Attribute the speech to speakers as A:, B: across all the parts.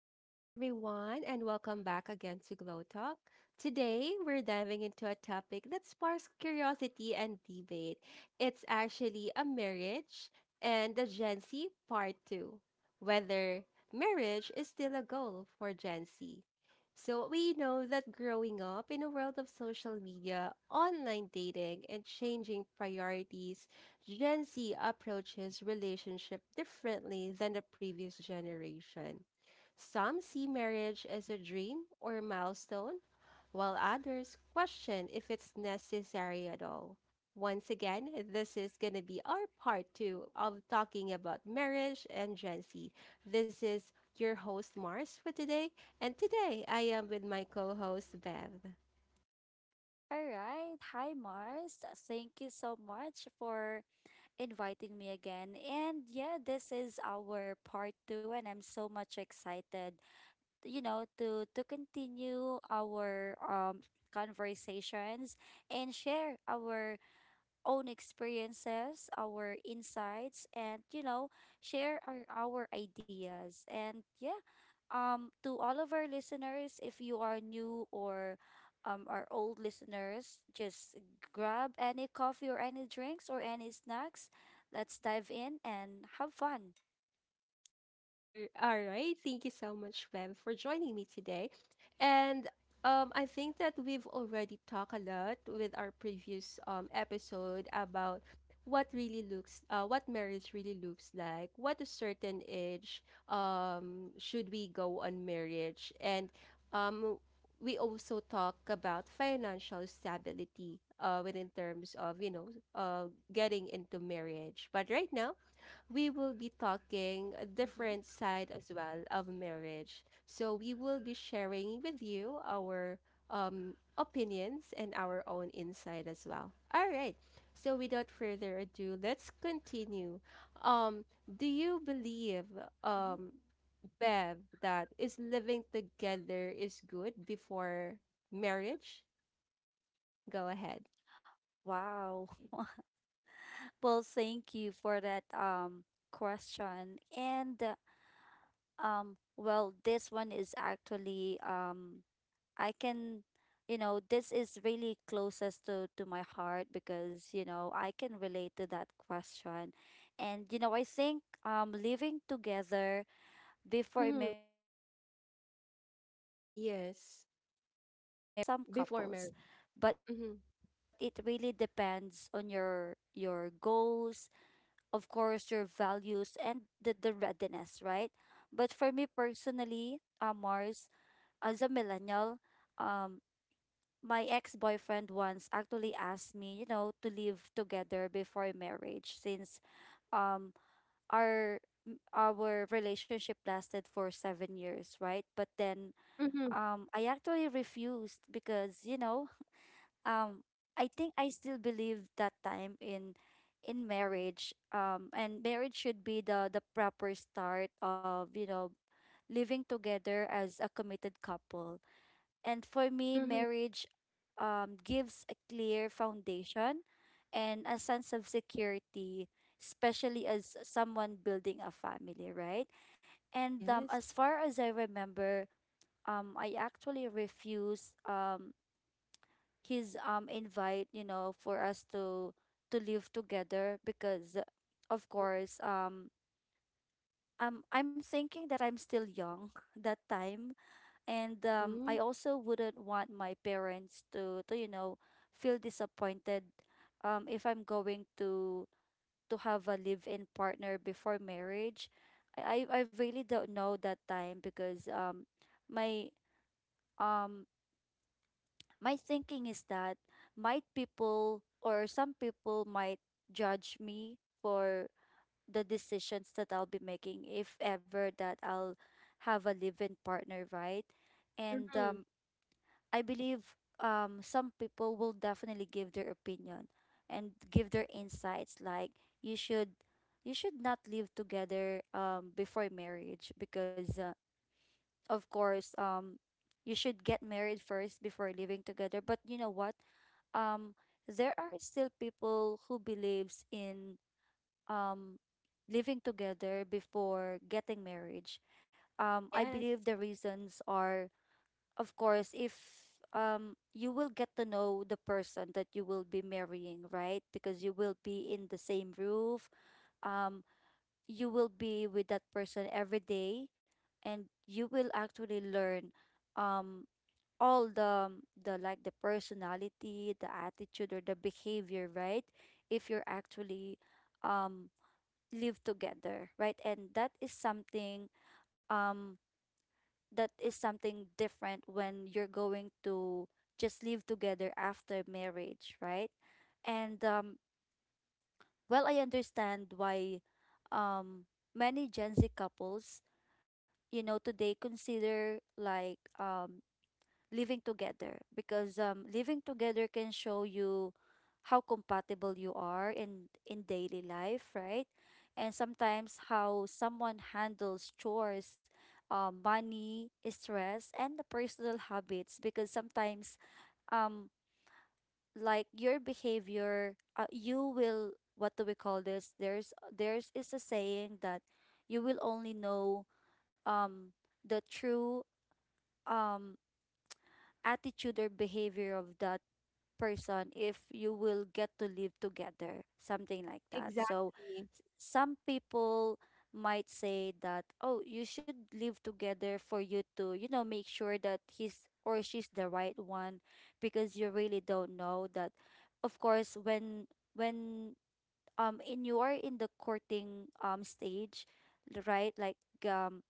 A: Hello, everyone, and welcome back again to Glow Talk. Today, we're diving into a topic that sparks curiosity and debate. It's actually a marriage and the Gen Z part two, whether marriage is still a goal for Gen Z. So, we know that growing up in a world of social media, online dating, and changing priorities, Gen Z approaches relationship differently than the previous generation. Some see marriage as a dream or milestone, while others question if it's necessary at all. Once again, this is going to be our part two of talking about marriage and Gen Z. This is your host, Mars, for today. And today, I am with my co host, Bev.
B: All right. Hi, Mars. Thank you so much for inviting me again. And yeah, this is our part two, and I'm so much excited, to continue our conversations and share our own experiences, our insights, and share our ideas. And yeah, to all of our listeners, if you are new or our old listeners, just grab any coffee or any drinks or any snacks. Let's dive in and have fun.
A: All right. Thank you so much, Bev, for joining me today. And I think that we've already talked a lot with our previous episode about what really looks, what marriage really looks like, what a certain age should we go on marriage, and um, we also talk about financial stability within terms of you know uh, getting into marriage. But right now we will be talking a
B: Mm-hmm.
A: different side as well of marriage. So we will be sharing with you our opinions and our own insight as well. All right. So without further ado, let's continue. Do you believe, um
B: Mm-hmm.
A: Bev, that is living together is good before marriage? Go ahead.
B: Wow. Well, thank you for that question. And Well, this one is actually I can, this is really closest to my heart because, I can relate to that question. And I think living together before
A: Mm-hmm.
B: marriage can still be a
A: Yes.
B: good idea for
A: Before
B: some
A: marriage.
B: couples.
A: Mm-hmm.
B: But it really depends on your goals, of course, your values and the readiness, right? But for me personally, Mars, as a millennial, um my ex-boyfriend once actually asked me, to live together before marriage since um our our relationship lasted for 7 years, right? But then
A: Mm-hmm.
B: I actually refused because, um I think I still believe that time in marriage and marriage should be the proper start of, living together as a committed couple. And for me,
A: Mm-hmm.
B: marriage gives a clear foundation and a sense of security, especially as someone building a family, right? And as far as I remember, I actually refused his invite, for us to live together because, of course, I'm thinking that I'm still young that time and I
A: Yes.
B: also wouldn't want my parents to feel disappointed, if I'm going to have a live-in partner before marriage. I really don't know that time because my um my thinking is that might people or some people might judge me for the decisions that I'll be making if ever that I'll have a live-in partner, right? And
A: Mm-hmm.
B: I believe some people will definitely give their opinion and give their insights like you should you should not live together before marriage because of course you should get married first before living together, but you know what, um there are still people who believes in um living together before getting marriage. I
A: Yes,
B: believe the reasons are, of course, if you will get to know the person that you will be marrying, right? Because you will be in the same roof. Um, you will be with that person every day, and you will actually learn um all the like the personality, the attitude, or the behavior, right? If you're actually um live together, right? And that is something, um that is something different when you're going to just live together after marriage, right? And Well, I understand why, um, many Gen Z couples, today consider like, living together because, living together can show you how compatible you are in daily life, right? And sometimes how someone handles chores, money stress and the personal habits, because sometimes um like your behavior, you will, what do we call this, there's is a saying that you will only know um the true um attitude or behavior of that person if you will get to live together, something like that.
A: exactly.
B: Some people might say that, oh, you should live together for you to, you know, make sure that he's or she's the right one, because you really don't know that. Of course, when in you are in the courting stage, right? Um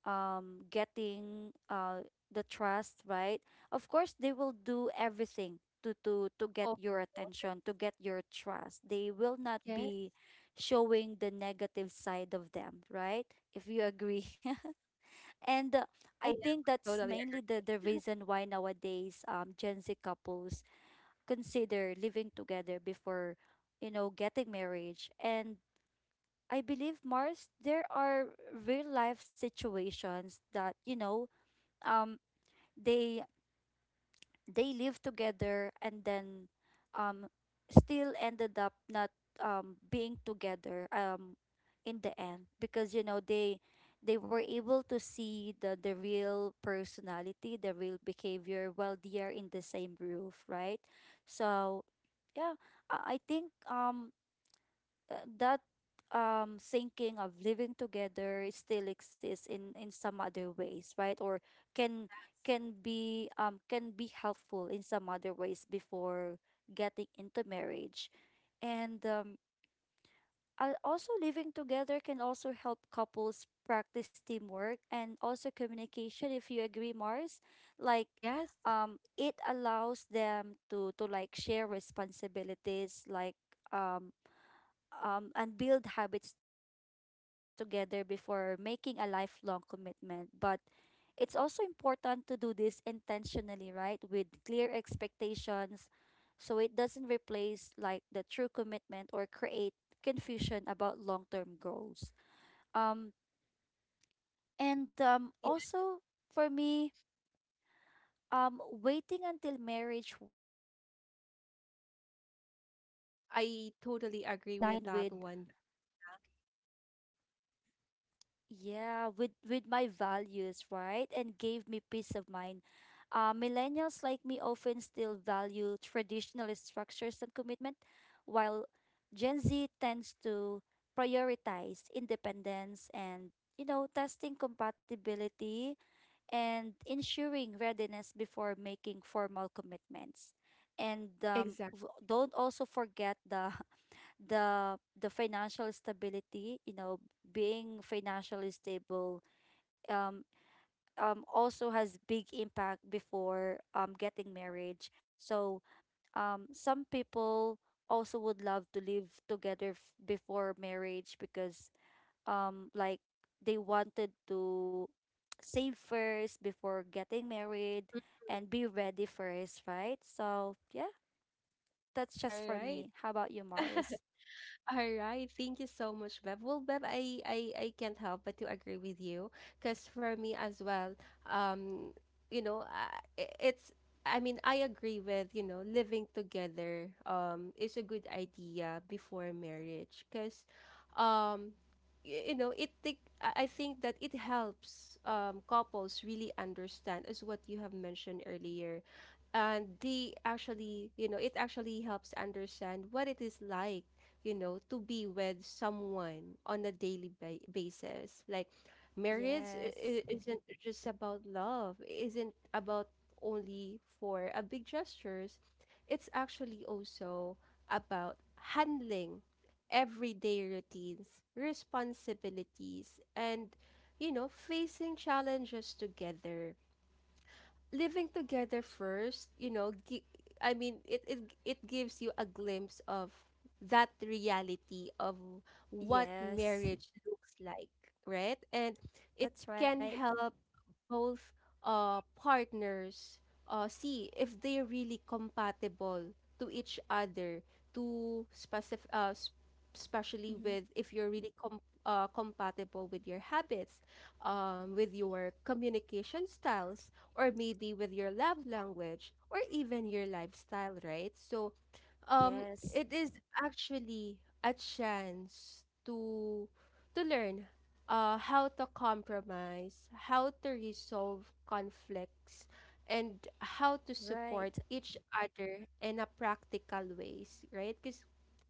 B: Getting the trust, right? Of course they will do everything to get
A: Of
B: your
A: course.
B: attention, to get your trust, they will not
A: Yes,
B: be showing the negative side of them, right? If you agree. and I
A: I am
B: think that's
A: totally.
B: mainly the reason why nowadays Gen Z couples consider living together before, you know, getting marriage. And I believe, Mars, there are real life situations that, um they they lived together and then um still ended up not being together in the end, because, you know, they were able to see the real personality, the real behavior, while they are in the same roof, right? So yeah, I think that thinking of living together still exists in some other ways, right? Or can can be helpful in some other ways before getting into marriage. and um Also, living together can also help couples practice teamwork and also communication, if you agree, Mars. like
A: Yes,
B: it allows them to like share responsibilities, like, um and build habits together before making a lifelong commitment. But it's also important to do this intentionally, right? With clear expectations, so it doesn't replace like the true commitment or create confusion about long-term goals. Um and
A: yes, Yeah,
B: Also, for me, waiting until marriage worked because, well, that it's
A: I
B: just for
A: totally
B: me, right?
A: agree
B: It
A: with that
B: aligned
A: one.
B: with, yeah, with my values, right, and gave me peace of mind. Uh, millennials like me often still value traditional structures and commitment, while Gen Z tends to prioritize independence and, you know, testing compatibility and ensuring readiness before making formal commitments.
A: Exactly.
B: Don't also forget the the financial stability, you know, being financially stable, um also has big impact before getting marriage. So, some people also would love to live together before marriage because, um like they wanted to save first before getting married and be ready first, right? So yeah, that's
A: All
B: just for
A: right.
B: me. How about you, Mars?
A: All right, thank you so much, Bev. Well, Bev, I can't help but to agree with you, because for me as well, um, you know, it's. I mean, I agree with you know living together. Is a good idea before marriage, because, um, you know, it take. I think that it helps couples really understand, as what you have mentioned earlier, and they actually, you know, it actually helps understand what it is like you know, to be with someone on a daily basis. Like, marriage
B: Yes.
A: isn't just about love, isn't about only for a big gestures. It's actually also about handling everyday routines, responsibilities, and you know, facing challenges together living together first, you know, I mean, it gives you a glimpse of that reality of what
B: Yes,
A: marriage looks like, right? And it
B: that's right.
A: can help both partners see if they're really compatible to each other to especially
B: Mm-hmm.
A: with if you're really compatible with your habits, with your communication styles, or maybe with your love language or even your lifestyle, right? So um
B: Yes,
A: it is actually a chance to learn how to compromise, how to resolve conflicts, and how to support
B: right.
A: each other in a practical ways, right? Cuz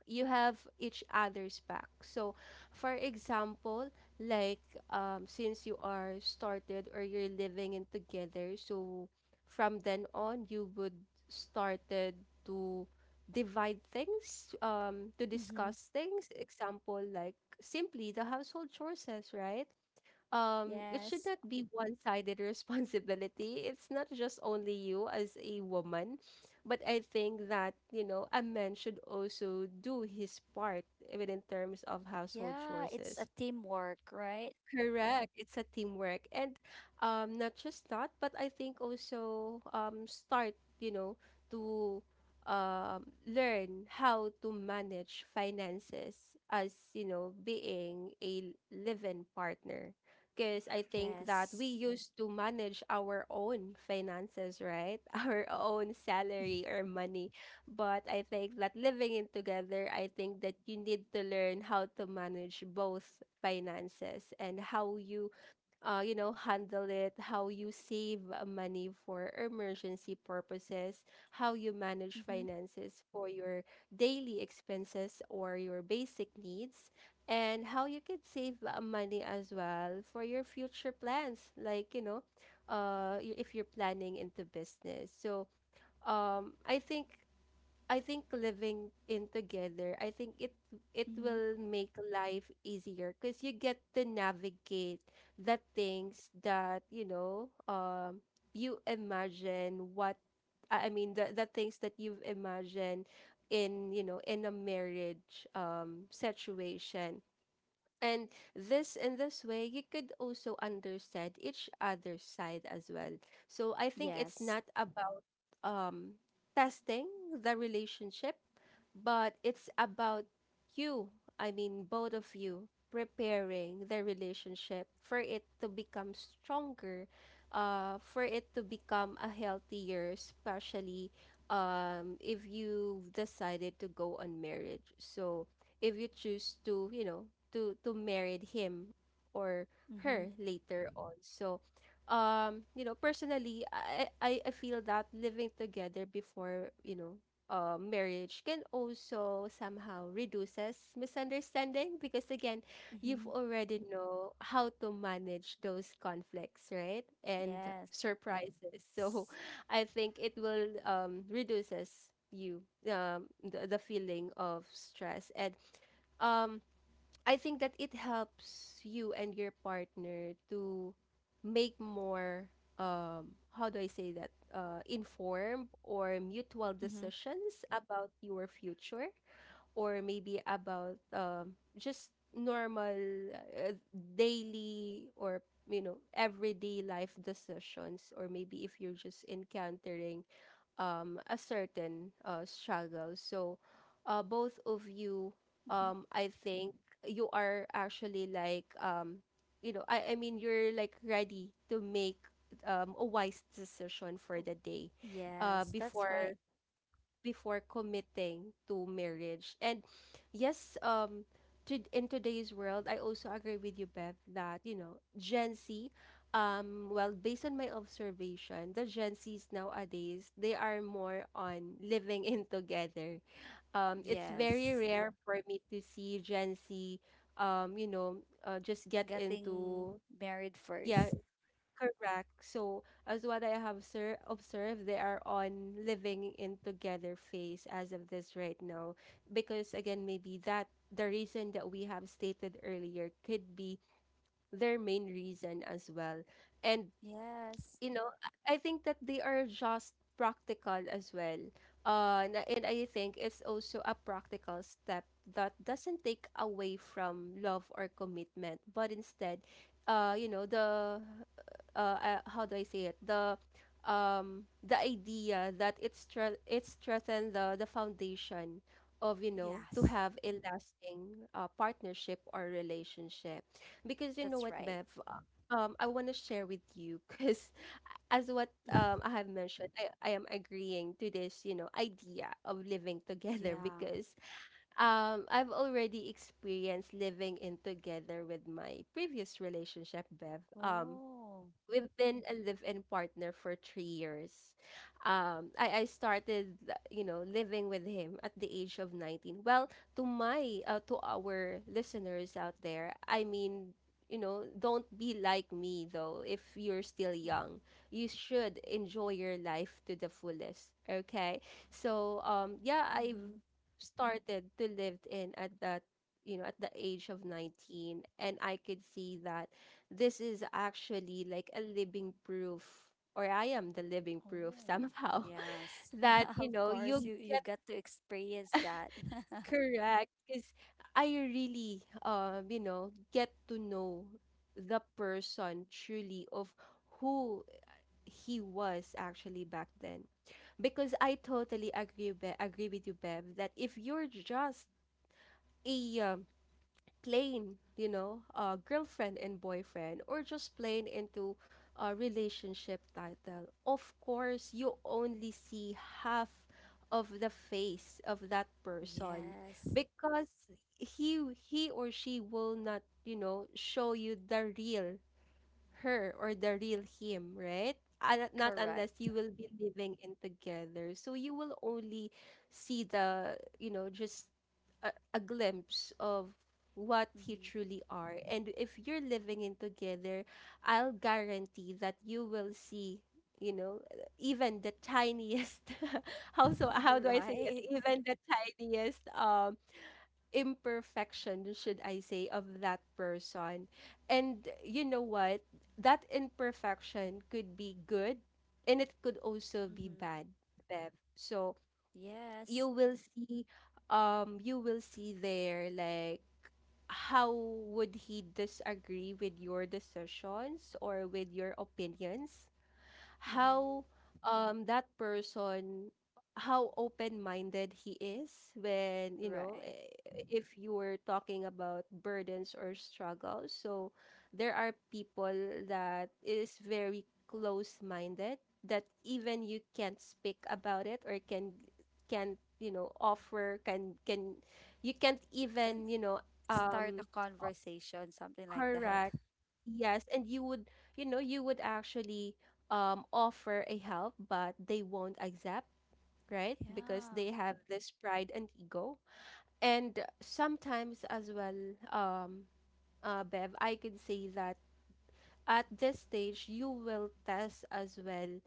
A: you have each other's back. So, for example, like since you are started or you're living in together, so from then on you would started to divide things to
B: Mm-hmm.
A: discuss things example like simply the household chores, right? It should
B: Yes.
A: not be one-sided responsibility. It's not just only you as a woman, but I think that you know a man should also do his part even in terms of household
B: Yeah,
A: chores.
B: it's a teamwork, right?
A: Correct. It's a teamwork. And not just that, but I think also start, you know, to learn how to manage finances as, you know, being a live-in partner. Because I think that
B: Yes.
A: we used to manage our own finances, right? Our own salary or money. But I think that living in together, I think that you need to learn how to manage both finances and how you, you know, handle it, how you save money for emergency purposes, how you manage
B: Mm-hmm.
A: finances for your daily expenses or your basic needs, and how you can save money as well for your future plans, like, you know, if you're planning into business. So, um, I think I think living in together, I think it
B: Mm-hmm.
A: will make life easier because you get to navigate the things that you know you imagine what I mean the things that you've imagined in you know in a marriage situation, and this in this way you could also understand each other's side as well. So I think it's not
B: Yes.
A: about um testing the relationship, but it's about you, I mean both of you preparing the relationship for it to become stronger, for it to become a healthier, especially if you've decided to go on marriage. So if you choose to, you know, to marry him or her
B: Mm-hmm.
A: later on. So, you know, personally, I feel that living together before, you know, marriage can also somehow reduces misunderstanding because again, you've
B: Mm-hmm.
A: already know how to manage those conflicts, right? And
B: Yes.
A: surprises. So, I think it will reduces you, the feeling of stress and, um, I think that it helps you and your partner to make more, how do I say that, informed or mutual
B: Mm-hmm.
A: decisions about your future or maybe about, just normal uh, daily or you know everyday life decisions or maybe if you're just encountering a certain struggle. So, both of
B: Mm-hmm.
A: you, I think you are actually like, you know, I mean, you're like ready to make, a wise decision for
B: Oh,
A: the day
B: yes, that's
A: before
B: right.
A: committing to marriage. And yes, in today's world, I also agree with you, Bev, that you know Gen Z. Well, based on my observation, the Gen Zs nowadays they are more on living in together. It's very
B: Yes.
A: rare for me to see Gen Z, you know, just get
B: Getting
A: into
B: married
A: yeah
B: first.
A: Correct. So, as what I have sir observed, they are on living in together phase as of this right now. Because again, maybe that the reason that we have stated earlier could be their main reason as well. And
B: Yes.
A: you know, I think that they are just practical as well. And I think it's also a practical step that doesn't take away from love or commitment, but instead, you know, the how do I say it? The idea that it's strengthen the foundation of you know to
B: Yes,
A: have a lasting partnership or relationship because you know
B: that's
A: what
B: right.
A: Bev, I want to share with you because as what I have mentioned, I am agreeing to this, you know, idea of living together
B: Yeah.
A: because I've already experienced living in together with my previous relationship, Bev.
B: Oh.
A: We've been a live-in partner for 3 years. I started, you know, living with him at the age of 19. Well, to my, to our listeners out there, I mean, you know, don't be like me though. If you're still young, you should enjoy your life to the fullest. Okay, so yeah, I've
B: Mm-hmm.
A: started to live in at that, you know, at the age of 19, and I could see that this is actually like a living proof, or I am the living proof
B: Oh,
A: somehow,
B: yes.
A: that you
B: Of
A: know
B: course,
A: you
B: you
A: get
B: get to experience that.
A: correct. Because I really, you know, get to know the person truly of who he was actually back then. Because I totally agree, agree with you, Bev, that if you're just a plain, you know, girlfriend and boyfriend, or just plain into a relationship title, of course, you only see half of the face of that person
B: Yes,
A: because he he or she will not, you know, show you the real her or the real him, right? And Not unless
B: correct.
A: you will be living in together. So you will only see the, you know, just a glimpse of what you
B: Mm-hmm.
A: truly are. And if you're living in together, I'll guarantee that you will see, you know, even the tiniest how so how do I say it?
B: Right.
A: Even the tiniest imperfection, should I say, of that person. And you know what? That imperfection could be good and it could also be
B: Mm-hmm.
A: bad, Bev. So
B: Yes.
A: you will see there like how would he disagree with your decisions or with your opinions
B: Mm-hmm.
A: how that person how open-minded he is when you know
B: Right.
A: if you were talking about burdens or struggles so there are people that is very close-minded that even you can't speak about it or can't you know offer can you can't
B: Can
A: even you know
B: start a
A: um
B: conversation, something like that.
A: Correct. Yes, and you would, you know, you would actually offer a help, but they won't accept, right? Because
B: Yeah.
A: they have this pride and ego. And sometimes as well, um, Bev, I could say that at this stage you will test as well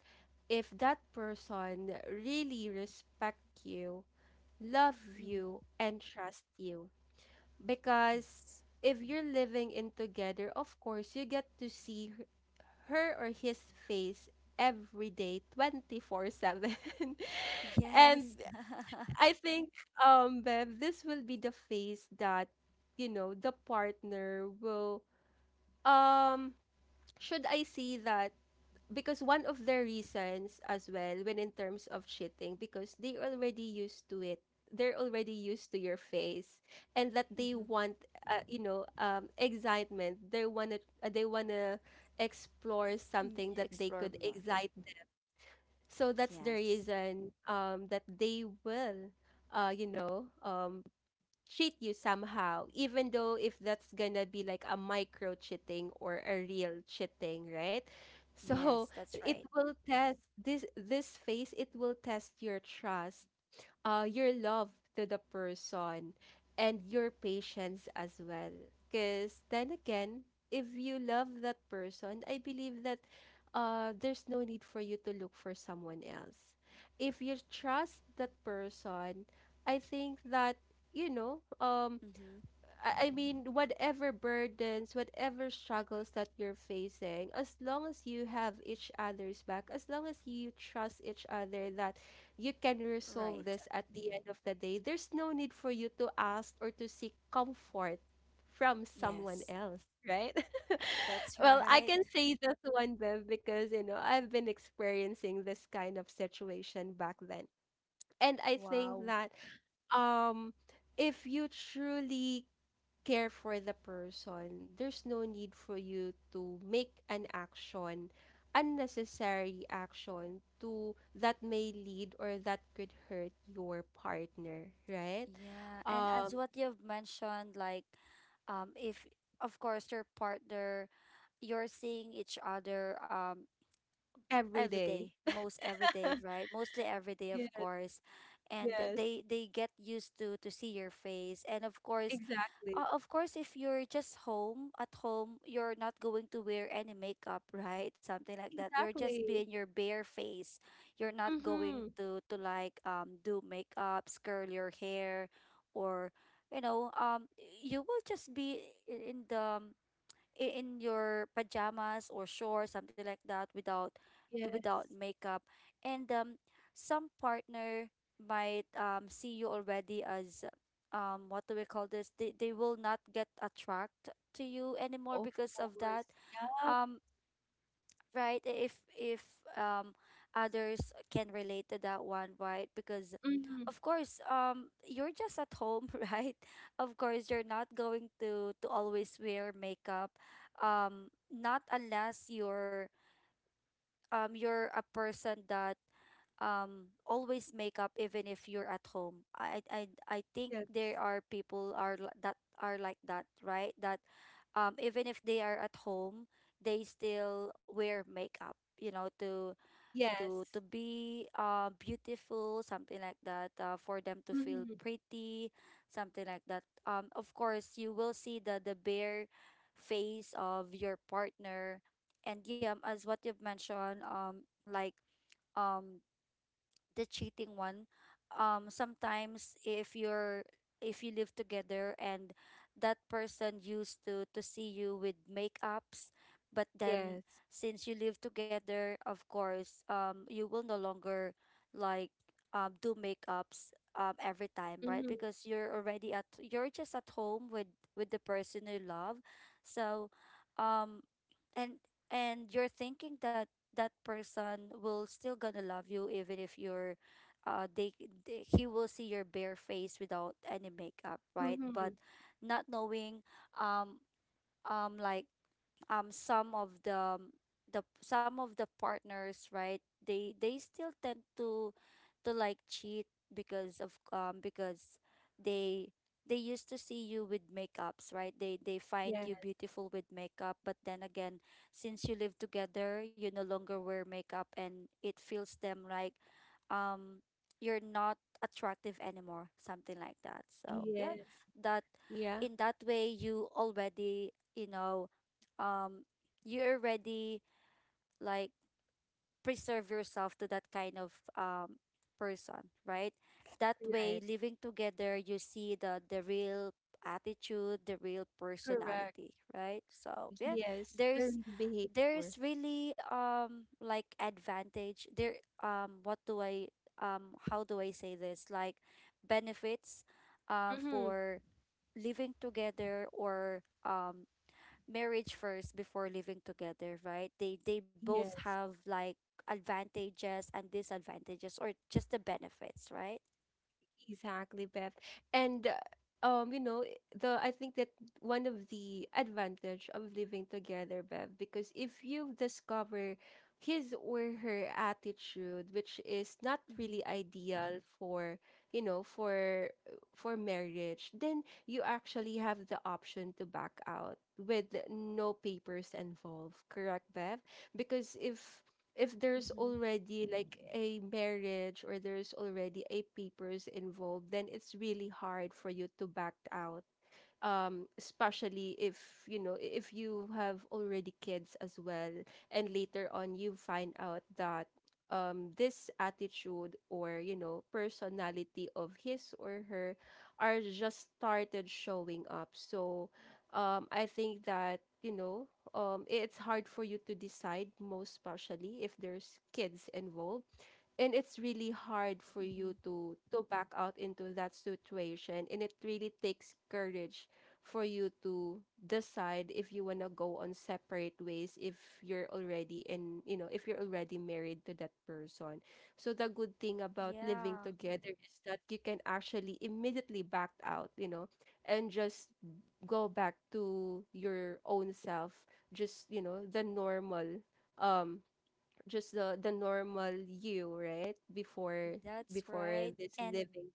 A: if that person really respect you, love
B: Mm-hmm.
A: you, and trust you, because
B: Yes.
A: if you're living in together, of course, you get to see her or his face every day 24/7.
B: Yes.
A: and I think Bev, this will be the face that you know the partner will um should I say that because one of the reasons as well when in terms of cheating because they already used to it, they're already used to your face, and that they
B: Mm-hmm.
A: want excitement. They want to explore something that they
B: Explore
A: could
B: more.
A: so that's the
B: Yes.
A: reason that they will uh, you know um, cheat you somehow, even though if that's gonna be like a micro cheating or a real cheating, right?
B: Yes,
A: So
B: that's right.
A: it will test this phase, it will test your trust, your love to the person, and your patience as well. Because then again, if you love that person, I believe that there's no need for you to look for someone else. If you trust that person, I think that,
B: Mm-hmm.
A: you know, um, I mean, whatever burdens, whatever struggles that you're facing, as long as you have each other's back, as long as you trust each other that you can
B: Right.
A: resolve this at the end of the day, there's no need for you to ask or to seek comfort from someone
B: Yes,
A: else, right?
B: that's
A: well, I
B: right.
A: can say this one, Bev, because, you know, I've been experiencing this kind of situation back then. And I think
B: Wow.
A: that um, if you truly care for the person, there's no need for you to make an action, unnecessary action to that may lead or that could hurt your partner, right?
B: Yeah, and as
A: Um,
B: what you've mentioned, like, if of course your partner, you're seeing each other
A: every
B: every
A: day.
B: day, most every day, right? Mostly every day, of
A: Yes,
B: course, and
A: yes,
B: they get used to see your face, and
A: exactly.
B: of course, if you're just home, at home, you're not going to wear any makeup, right? Something like that. You're just
A: Exactly.
B: being your bare face. You're not going
A: Mm-hmm.
B: to like do makeups, curl your hair, or you know um you will just be in the, in your pajamas or shorts, something like that, without
A: Yes,
B: without makeup. And some partner might, see you already as, what do we call this? They will not get attract to you anymore
A: of
B: because of that.
A: course.
B: Um, right, if um others can relate to that one, right? Because
A: Mm-hmm.
B: of course, you're just at home, right? Of course you're not going to always wear makeup, not unless you're, you're a person that, always make up even if you're at home. I think
A: Yes.
B: there are people that are like that, right? That even if they are at home, they still wear makeup, you know, to
A: Yes.
B: to be beautiful, something like that, for them to feel
A: Mm-hmm.
B: pretty, something like that. Of course, you will see the bare face of your partner, and yeah, as what you've mentioned, like um the cheating one, sometimes if you're if you live together, and that person used to see you with makeups, but then
A: Yes.
B: since you live together, of course, you will no longer like do makeups every time, right?
A: Mm-hmm.
B: Because you're already at you're just at home with the person you love, so um, and and you're thinking that that person will still gonna love you even if you're uh they, they he will see your bare face without any makeup, right? But
A: Mm-hmm.
B: not knowing, um um like some of the some of the partners, right? They still tend to like cheat because of because they they used to see you with makeups, right? They find you
A: Yes.
B: beautiful with makeup, but then again, since you live together, you no longer wear makeup, and it feels them like, um you're not attractive anymore, something like that. So yeah,
A: Yes.
B: that
A: Yeah.
B: in that way you already, you know um you already, like preserve yourself to that kind of person, right? That way,
A: Right.
B: living together, you see the real attitude, the real
A: Correct.
B: personality, right? So yeah,
A: Yes, the
B: there's
A: real behavior.
B: there's really advantage there. What do I How do I say this? Like benefits
A: Mm-hmm.
B: for living together or marriage first before living together, right? They both
A: Yes,
B: have like advantages and disadvantages, or just the benefits, right?
A: exactly, Beth. And you know, I- the I think that one of the advantage of living together, Bev, because if you discover his or her attitude, which is not
B: Mhm.
A: really ideal for, you know, for marriage, then you actually have the option to back out with no papers involved, correct, Bev? Because if there's
B: Mhm.
A: already like a marriage or there's already a papers involved, then it's really hard for you to back out, especially if you know, if you have already kids as well, and later on you find out that this attitude or you know personality of his or her are just started showing up. So I think that you know, it's hard for you to decide, most especially if there's kids involved. And it's really hard for you
B: Mhm.
A: to back out into that situation, and it really takes courage for you to decide if you want to go on separate ways if you're already in, you know, if you're already married to that person. So the good thing about
B: Yeah,
A: living together is that you can actually immediately back out, you know, and just go back to your own self, just you know the normal, um just the normal you, right? Before
B: that's
A: before
B: right.
A: this
B: And
A: living.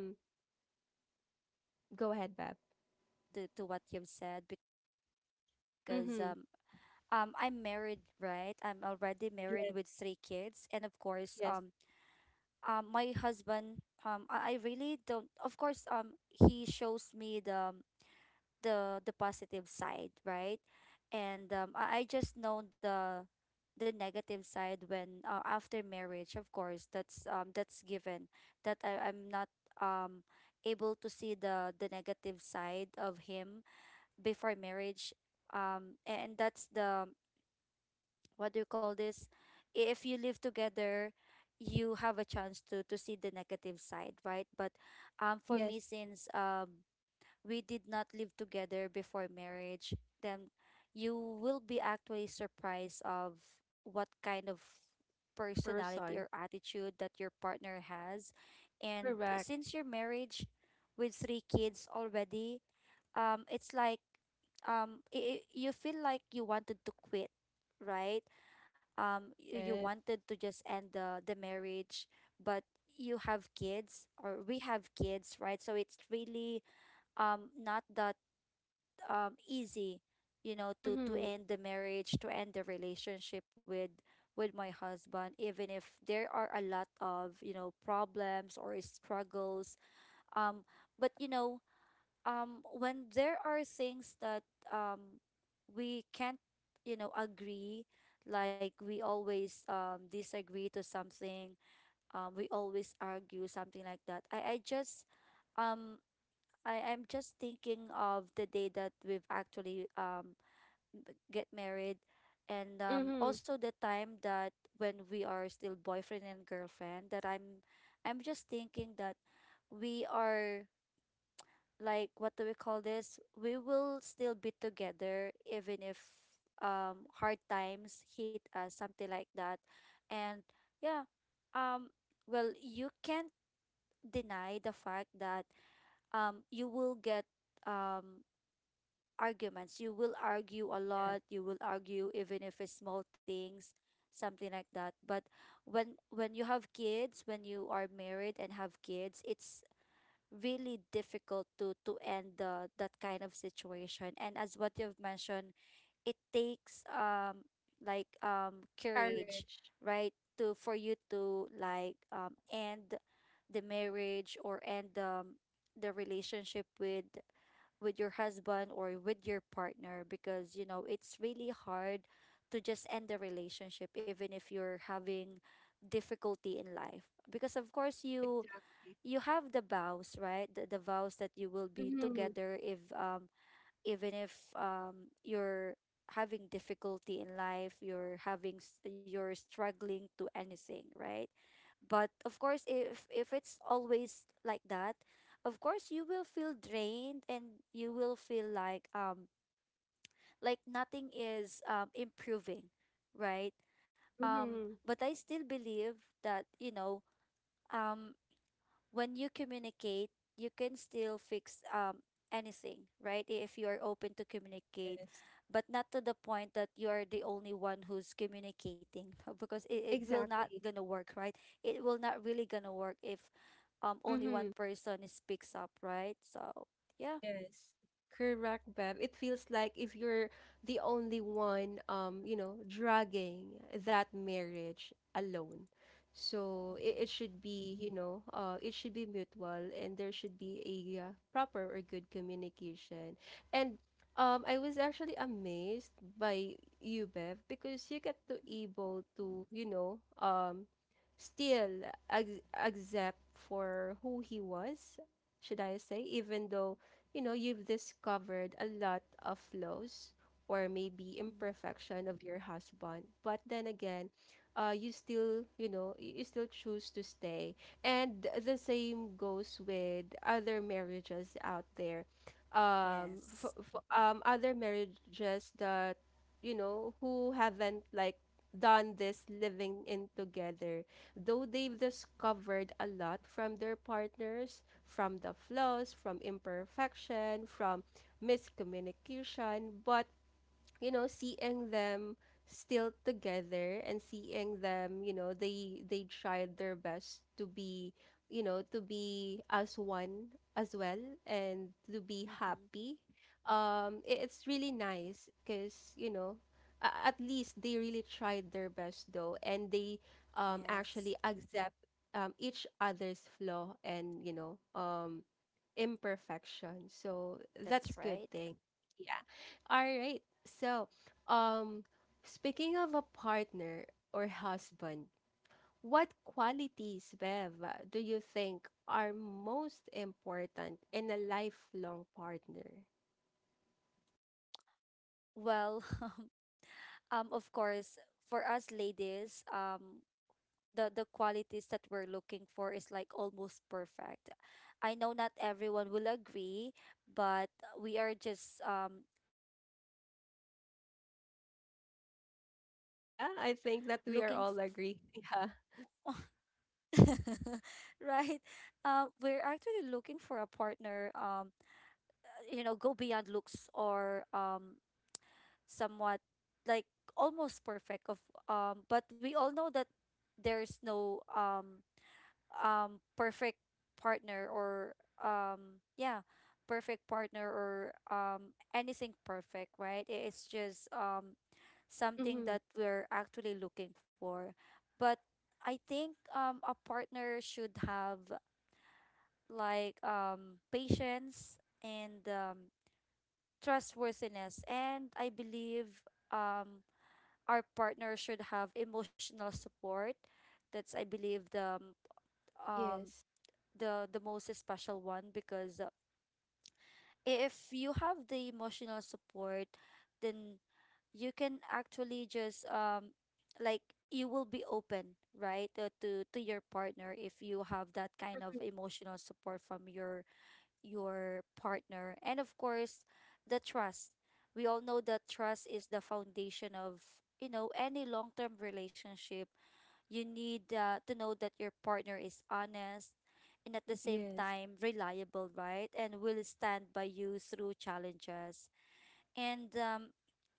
B: you know what? I actually
A: Go ahead, Bab.
B: can relate to what you've said, because
A: Mm-hmm.
B: I'm married, right? I'm already married with three kids, and of
A: Yes,
B: course,
A: yes,
B: my husband, I really don't, of course, he shows me the positive side, right? And I just know the negative side when, after marriage. Of course that's given, that I'm not um able to see the negative side of him before marriage. And that's the, what do you call this, if you live together you have a chance to see the negative side, right? But for
A: yes.
B: me, since we did not live together before marriage, then you will be actually surprised of what kind of personality or
A: Person.
B: attitude that your partner has. And
A: Correct.
B: since your marriage with three kids already, it's like, you feel like you wanted to quit, right? You
A: Yes.
B: wanted to just end the marriage, but you have kids, or we have kids, right? So it's really not that easy, you know, to
A: Mm-hmm.
B: end the marriage, to end the relationship with my husband, even if there are a lot of, you know, problems or struggles. um but you know, when there are things that um we can't, you know, agree, like we always disagree to something, we always argue, something like that. I just, um I'm just thinking of the day that we've actually get married. And
A: Mm-hmm.
B: also the time that when we are still boyfriend and girlfriend, that I'm just thinking that we are, like, what do we call this? We will still be together, even if hard times hit us, something like that. And yeah, um well, you can't deny the fact that you will get um arguments. You will argue a lot, you will argue even if it's small things, something like that. But when you have kids, when you are married and have kids, it's really difficult to end the that kind of situation. And as what you've mentioned, it takes courage,
A: Courage.
B: right? To, for you to like end the marriage, or end the relationship with your husband or with your partner, because, you know, it's really hard to just end the relationship even if you're having difficulty in life. Because of course you,
A: Exactly.
B: you have the vows, right? The vows that you will be
A: Mm-hmm.
B: together if even if you're having difficulty in life, you're having you're struggling to anything, right? But of course, if it's always like that, of course you will feel drained, and you will feel like nothing is improving, right?
A: Mm-hmm.
B: But I still believe that, you know, um when you communicate, you can still fix anything, right? If you are open to communicate,
A: Yes.
B: but not to the point that you are the only one who's communicating, because it will not
A: Exactly.
B: gonna work, right? It will not really gonna work if only
A: Mm-hmm.
B: one person is picks up, right? So yeah.
A: Yes, correct, Bev. It feels like if you're the only one, you know, dragging that marriage alone. So it
B: Mm-hmm.
A: should be, you know, it should be mutual, and there should be a proper or good communication. And I was actually amazed by you, Bev, because you get to able to, you know, still ac accept for who he was, should I say, even though you know, you've discovered a lot of flaws or maybe
B: Mm-hmm.
A: imperfection of your husband. But then again, you still, you know, you still choose to stay. And the same goes with other marriages out there. Um, for,
B: Yes.
A: um, other marriages that, you know, who haven't like done this living in together, though they've discovered a lot from their partners, from the flaws, from imperfection, from miscommunication, but you know, seeing them still together and seeing them, you know, they tried their best to be, you know, to be as one as well, and to be happy.
B: Mm-hmm.
A: I- it's really nice because you know, a- at least they really tried their best though, and they actually
B: Yes.
A: accept each other's flaw and you know imperfection. So that's good
B: That's
A: thing.
B: right.
A: Yeah. All right. So, um speaking of a partner or husband, what qualities, Bev, do you think are most important in a lifelong partner?
B: Well, of course, for us ladies, the qualities that we're looking for is like almost perfect. I know not everyone will agree, but we are just girls, right? We're ladies that we're
A: Yeah,
B: actually
A: I
B: like
A: think that we are all agree.
B: looking right? We're actually looking for a partner, you know, go beyond looks or somewhat like almost perfect of, but we all know that there's no perfect partner or yeah, perfect partner or anything perfect, right? It's just something that we're actually looking for. But I think a partner should have like patience and trustworthiness. And I believe um our partner should have emotional support. That's I believe the
A: Yeah.
B: um the most special one, because if you have the emotional support, then you can actually just you will be open, right? To your partner, if you have that kind of
A: Mm-hmm.
B: emotional support from your partner. And of course, the trust. We all know that trust is the foundation of, you know, any long-term relationship. You need to know that your partner is honest, and at the same
A: Yes. Mm-hmm. Yes.
B: time reliable, right? And will stand by you through challenges. And,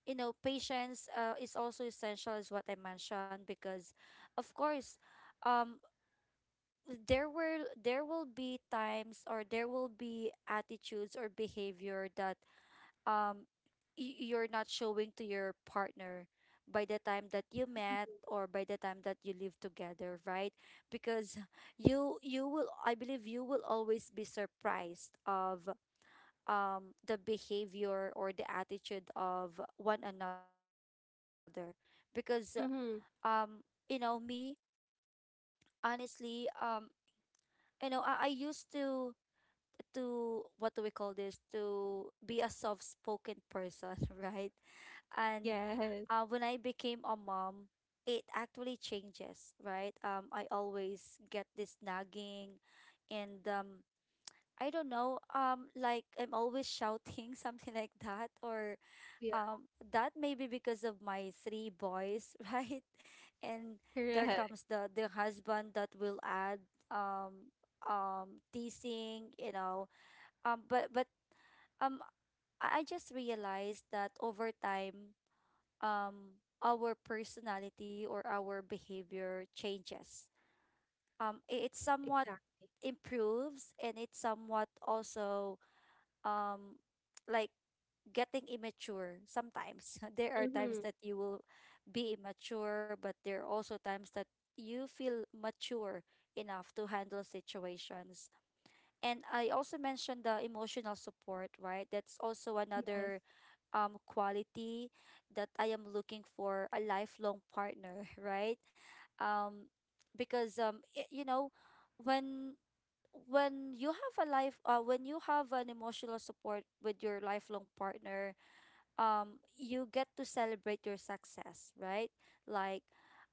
B: you know, patience is also essential, is what I mentioned, because, of course, um, there will be times, or there will be attitudes or behavior that um you're not showing to your partner by the time that you met, or by the time that you live together, right? Because you will, I believe you will always be surprised of the behavior or the attitude of one another. Because um
A: Mm-hmm.
B: you know me, honestly, you know, I used to what do we call this, to be a soft spoken person right? And
A: Yes.
B: when I became a mom, it actually changes, right? I always get this nagging, and I don't know, like I'm always shouting something like that, or
A: Yeah.
B: that maybe because of my three boys, right? And there
A: Correct.
B: comes the husband that will add um teasing, you know, but I just realized that over time our personality or our behavior changes. It somewhat
A: Exactly.
B: improves, and it somewhat also um like getting immature sometimes. There are times
A: Mm-hmm.
B: that you will be immature, but there are also times that you feel mature enough to handle situations. And I also mentioned the emotional support, right? That's also
A: Yes.
B: another quality that I am looking for a lifelong partner, right? Um because I you know, when when you have a life, when you have an emotional support with your lifelong partner, you get to celebrate your success, right? Like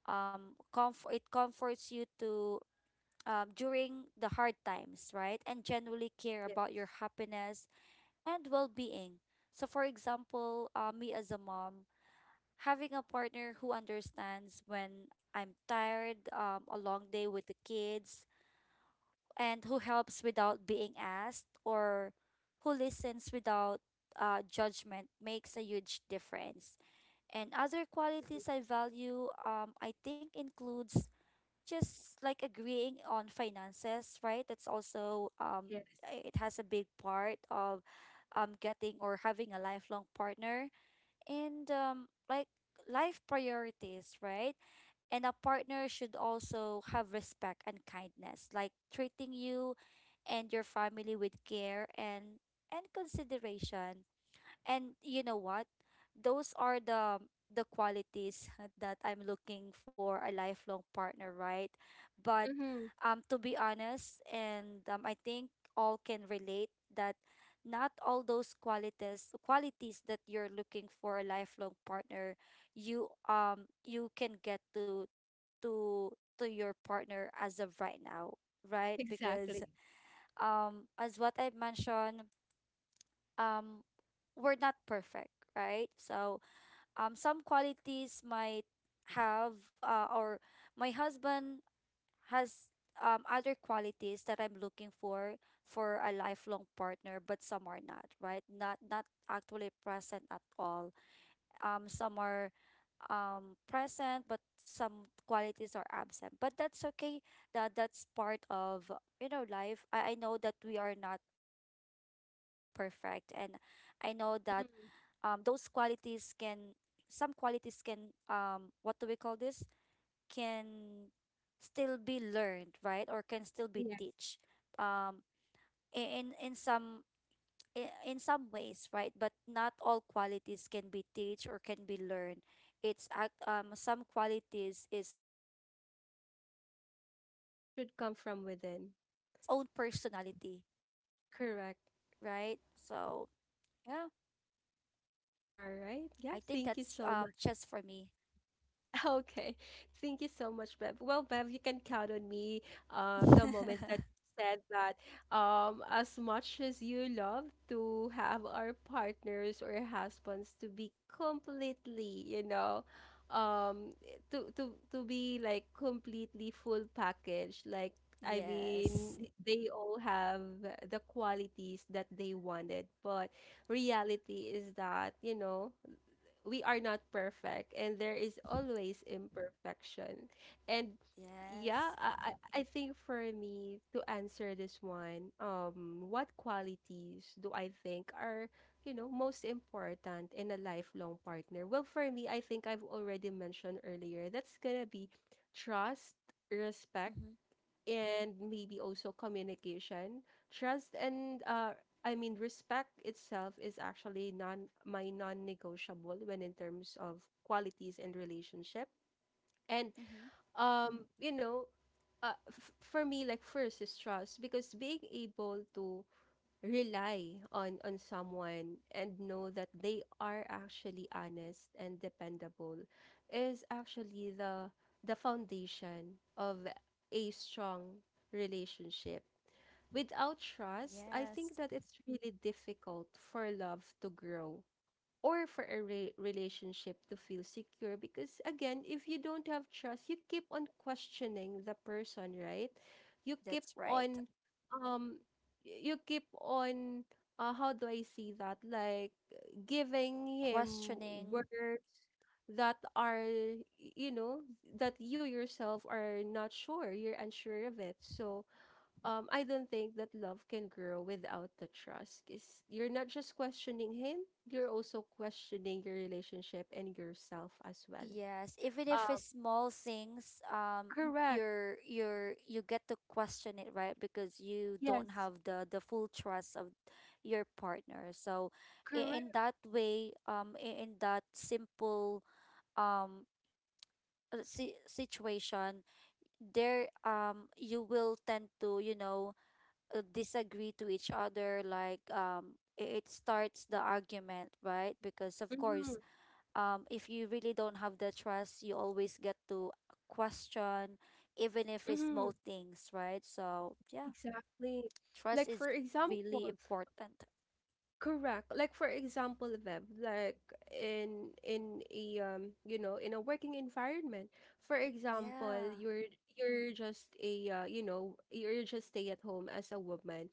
B: comfort it comforts you to, during the hard times, right? And genuinely care about your happiness and well being. So, for example, me as a mom, having a partner who understands when I'm tired, a long day with the kids, and who helps without being asked, or who listens without judgment, makes a huge difference. And other qualities I value, I think, includes just like agreeing on finances, right? That's also
A: Yes.
B: it has a big part of getting or having a lifelong partner, and life priorities, right? And a partner should also have respect and kindness, like treating you and your family with care, and consideration. And you know what? Those are the qualities that I'm looking for a lifelong partner, right? But
A: Mm-hmm. Yes.
B: to be honest, and I think all can relate, that not all those qualities that you're looking for a lifelong partner, you you can get to to your partner as of right now, right? Because
A: Exactly.
B: as what I've mentioned, um we're not perfect, right? So some qualities might have, or my husband has other qualities that I'm looking for a lifelong partner, but some are not, right? Not, not actually present at all. Some are present, but some qualities are absent. But that's okay. That's part of, you know, life. I know that we are not perfect, and I know that those
A: Mhm.
B: qualities can, some qualities can, what do we call this, can still be learned, right? Or can still be
A: Yes,
B: teach, um in some, in some ways, right? But not all qualities can be teach or can be learned. It's act some qualities is actually um like
A: should
B: in
A: come from
B: your
A: within.
B: own personality, right?
A: Correct.
B: So yeah, I think
A: All
B: that's
A: right. Yeah,
B: just
A: thank
B: for
A: you so
B: me.
A: much. Okay. Thank you so much, Bev. Well, Bev, you can count on me. The moment that you said that, as much as you love to have our partners or husbands to be completely, you know, um, to to be like completely full package. Like, I mean,
B: Yes.
A: they all have the qualities that they wanted, but reality is that, you know, we are not perfect and there is always imperfection. And yeah,
B: Yes.
A: I think for me to answer this one, what qualities do I think are, you know, most important in a lifelong partner? Well, for me, I think I've already mentioned earlier, that's gonna be trust, respect,
B: Mm-hmm.
A: and maybe also communication. Trust and respect itself is actually non-negotiable when in terms of qualities and relationship. And
B: Mm-hmm.
A: you know, for me, like first is trust because being able to rely on someone and know that they are actually honest and dependable is actually the foundation of a strong relationship. Without trust, I think
B: Yes.
A: that it's really difficult for love to grow or for a relationship to feel secure, because again, if you don't have trust, you keep on questioning the person, right? you keep
B: That's right.
A: on um y- you keep on how do I see that, like giving him
B: Questioning.
A: words that are you know, that you yourself are not sure, you're unsure of it. So I don't think that love can grow without the trust. Is you're not just questioning him, you're also questioning your relationship and yourself as well.
B: Yes. Even if
A: Uh,
B: it's small things,
A: correct.
B: you get to question it, right? Because you don't
A: Yes,
B: have the full trust of your partner. So in
A: correct.
B: that way, in that simple um situation, there you will tend to, disagree to each other like it starts the argument, right? Because of
A: Mm-hmm.
B: course if you really don't have the trust, you always get to question even if it's
A: Mm-hmm.
B: small things, right? So yeah,
A: Exactly.
B: trust
A: Like for
B: is
A: example,
B: really important.
A: Correct. Like for example, Bev, like in a you know, in a working environment. For example,
B: Yeah.
A: you're just a you know, you're just stay at home as a woman,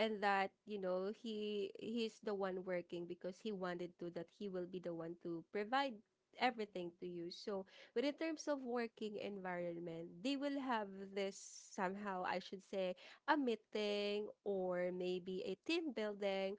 A: and that, you know, he's the one working because he wanted to that he will be the one to provide everything to you. So, but in terms of working environment, they will have this somehow, I should say, a meeting or maybe a team building,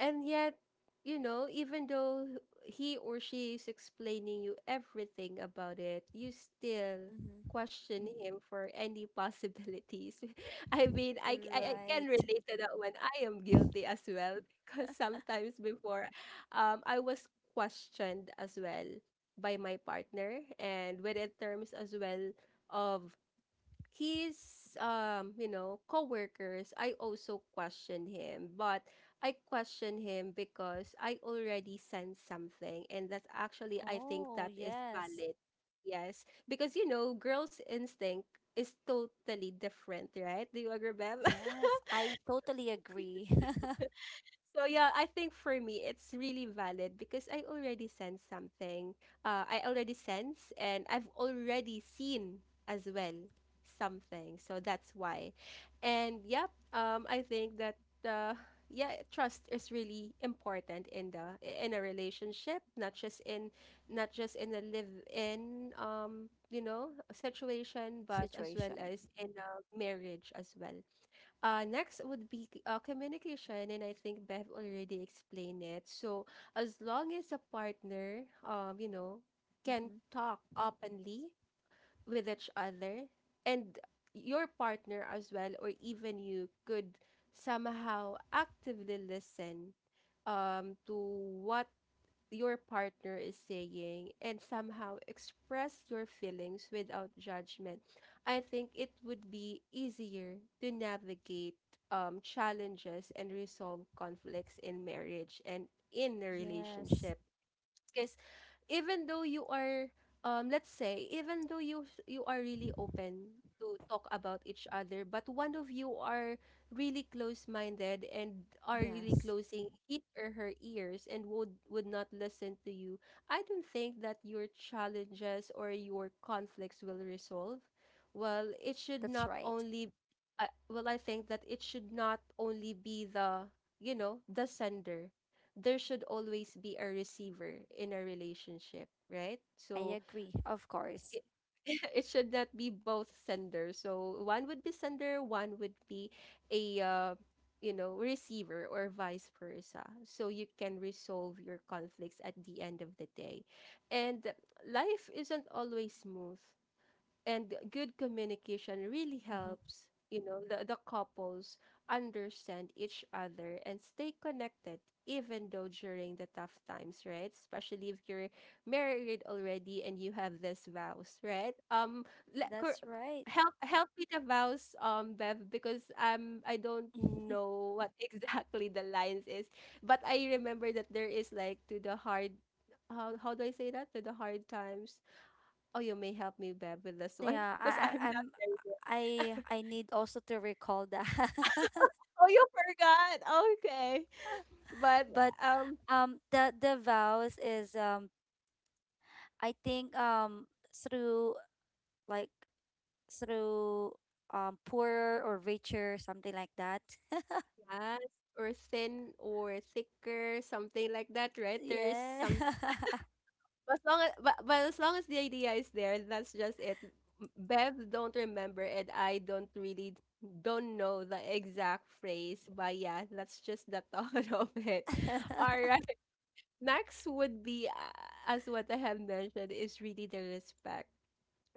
A: and yet, you know, even though he or she is explaining you everything about it, you still
B: Mm-hmm.
A: question him for any possibilities. I mean, I can
B: Right.
A: relate to that one. I am guilty as well, because sometimes before, I was questioned as well by my partner and within terms as well of his you know coworkers. I also questioned him, but I questioned him because I already sense something, and that's actually I think
B: Oh
A: that is
B: yes.
A: valid. Yes, because you know, girls instinct is totally different, right? Do you agree, Bev?
B: Yes, I totally agree.
A: So yeah, I think for me it's really valid because I already sense something. I already sense and I've already seen as well something. So that's why. And yeah, I think that uh, yeah, trust is really important in the in a relationship, not just in, not just in a live in you know, situation, but as well
B: Situation.
A: as in a marriage as well. Next would be communication, and I think Bev already explained it. So as long as a partner, you know, can
B: Mm-hmm.
A: talk openly with each other, and your partner as well, or even you could somehow actively listen to what your partner is saying and somehow express your feelings without judgment, I think it would be easier to navigate challenges and resolve conflicts in marriage and in a
B: Yes.
A: relationship. Because even though you are let's say even though you are really open to talk about each other but one of you are really close-minded and are really
B: Yes,
A: closing his or her ears and would not listen to you. I don't think that your challenges or your conflicts will resolve well.
B: that's
A: It
B: right.
A: should not only, I, well, I think that it should not only be the, the sender. There should always be a receiver in a relationship, right?
B: I
A: So
B: agree, of course.
A: it, it should not be both sender. So one would be sender, one would be a you know, receiver or vice versa. So you can resolve your conflicts at the end of the day. And life isn't always smooth and good
B: Mm-hmm.
A: communication really helps, you know, the couples understand each other and stay connected even though during the tough times, right? Especially if you're married already and you have this vows, right? Le-
B: That's
A: cor-
B: right.
A: help me the vows, Bev, because I don't know what exactly the lines is, but I remember that there is like, to the hard, how do I say that, to the hard times. Oh, you may help me, Bev, with this one
B: Yeah,
A: because I'm not very good.
B: I, I need also to recall that.
A: Oh, you forgot. Okay. But
B: But,
A: um
B: the vows is, I think through like through poorer or richer, something like that.
A: yes, or thin or thicker, something like that, right? There is
B: Yeah.
A: some, as long as, but as long as the idea is there, that's just it. M- Bev don't remember and I don't really don't know the exact phrase, but yeah, that's just the thought of it. All
B: Mm-hmm.
A: right. Next would be as what I have mentioned is really the respect.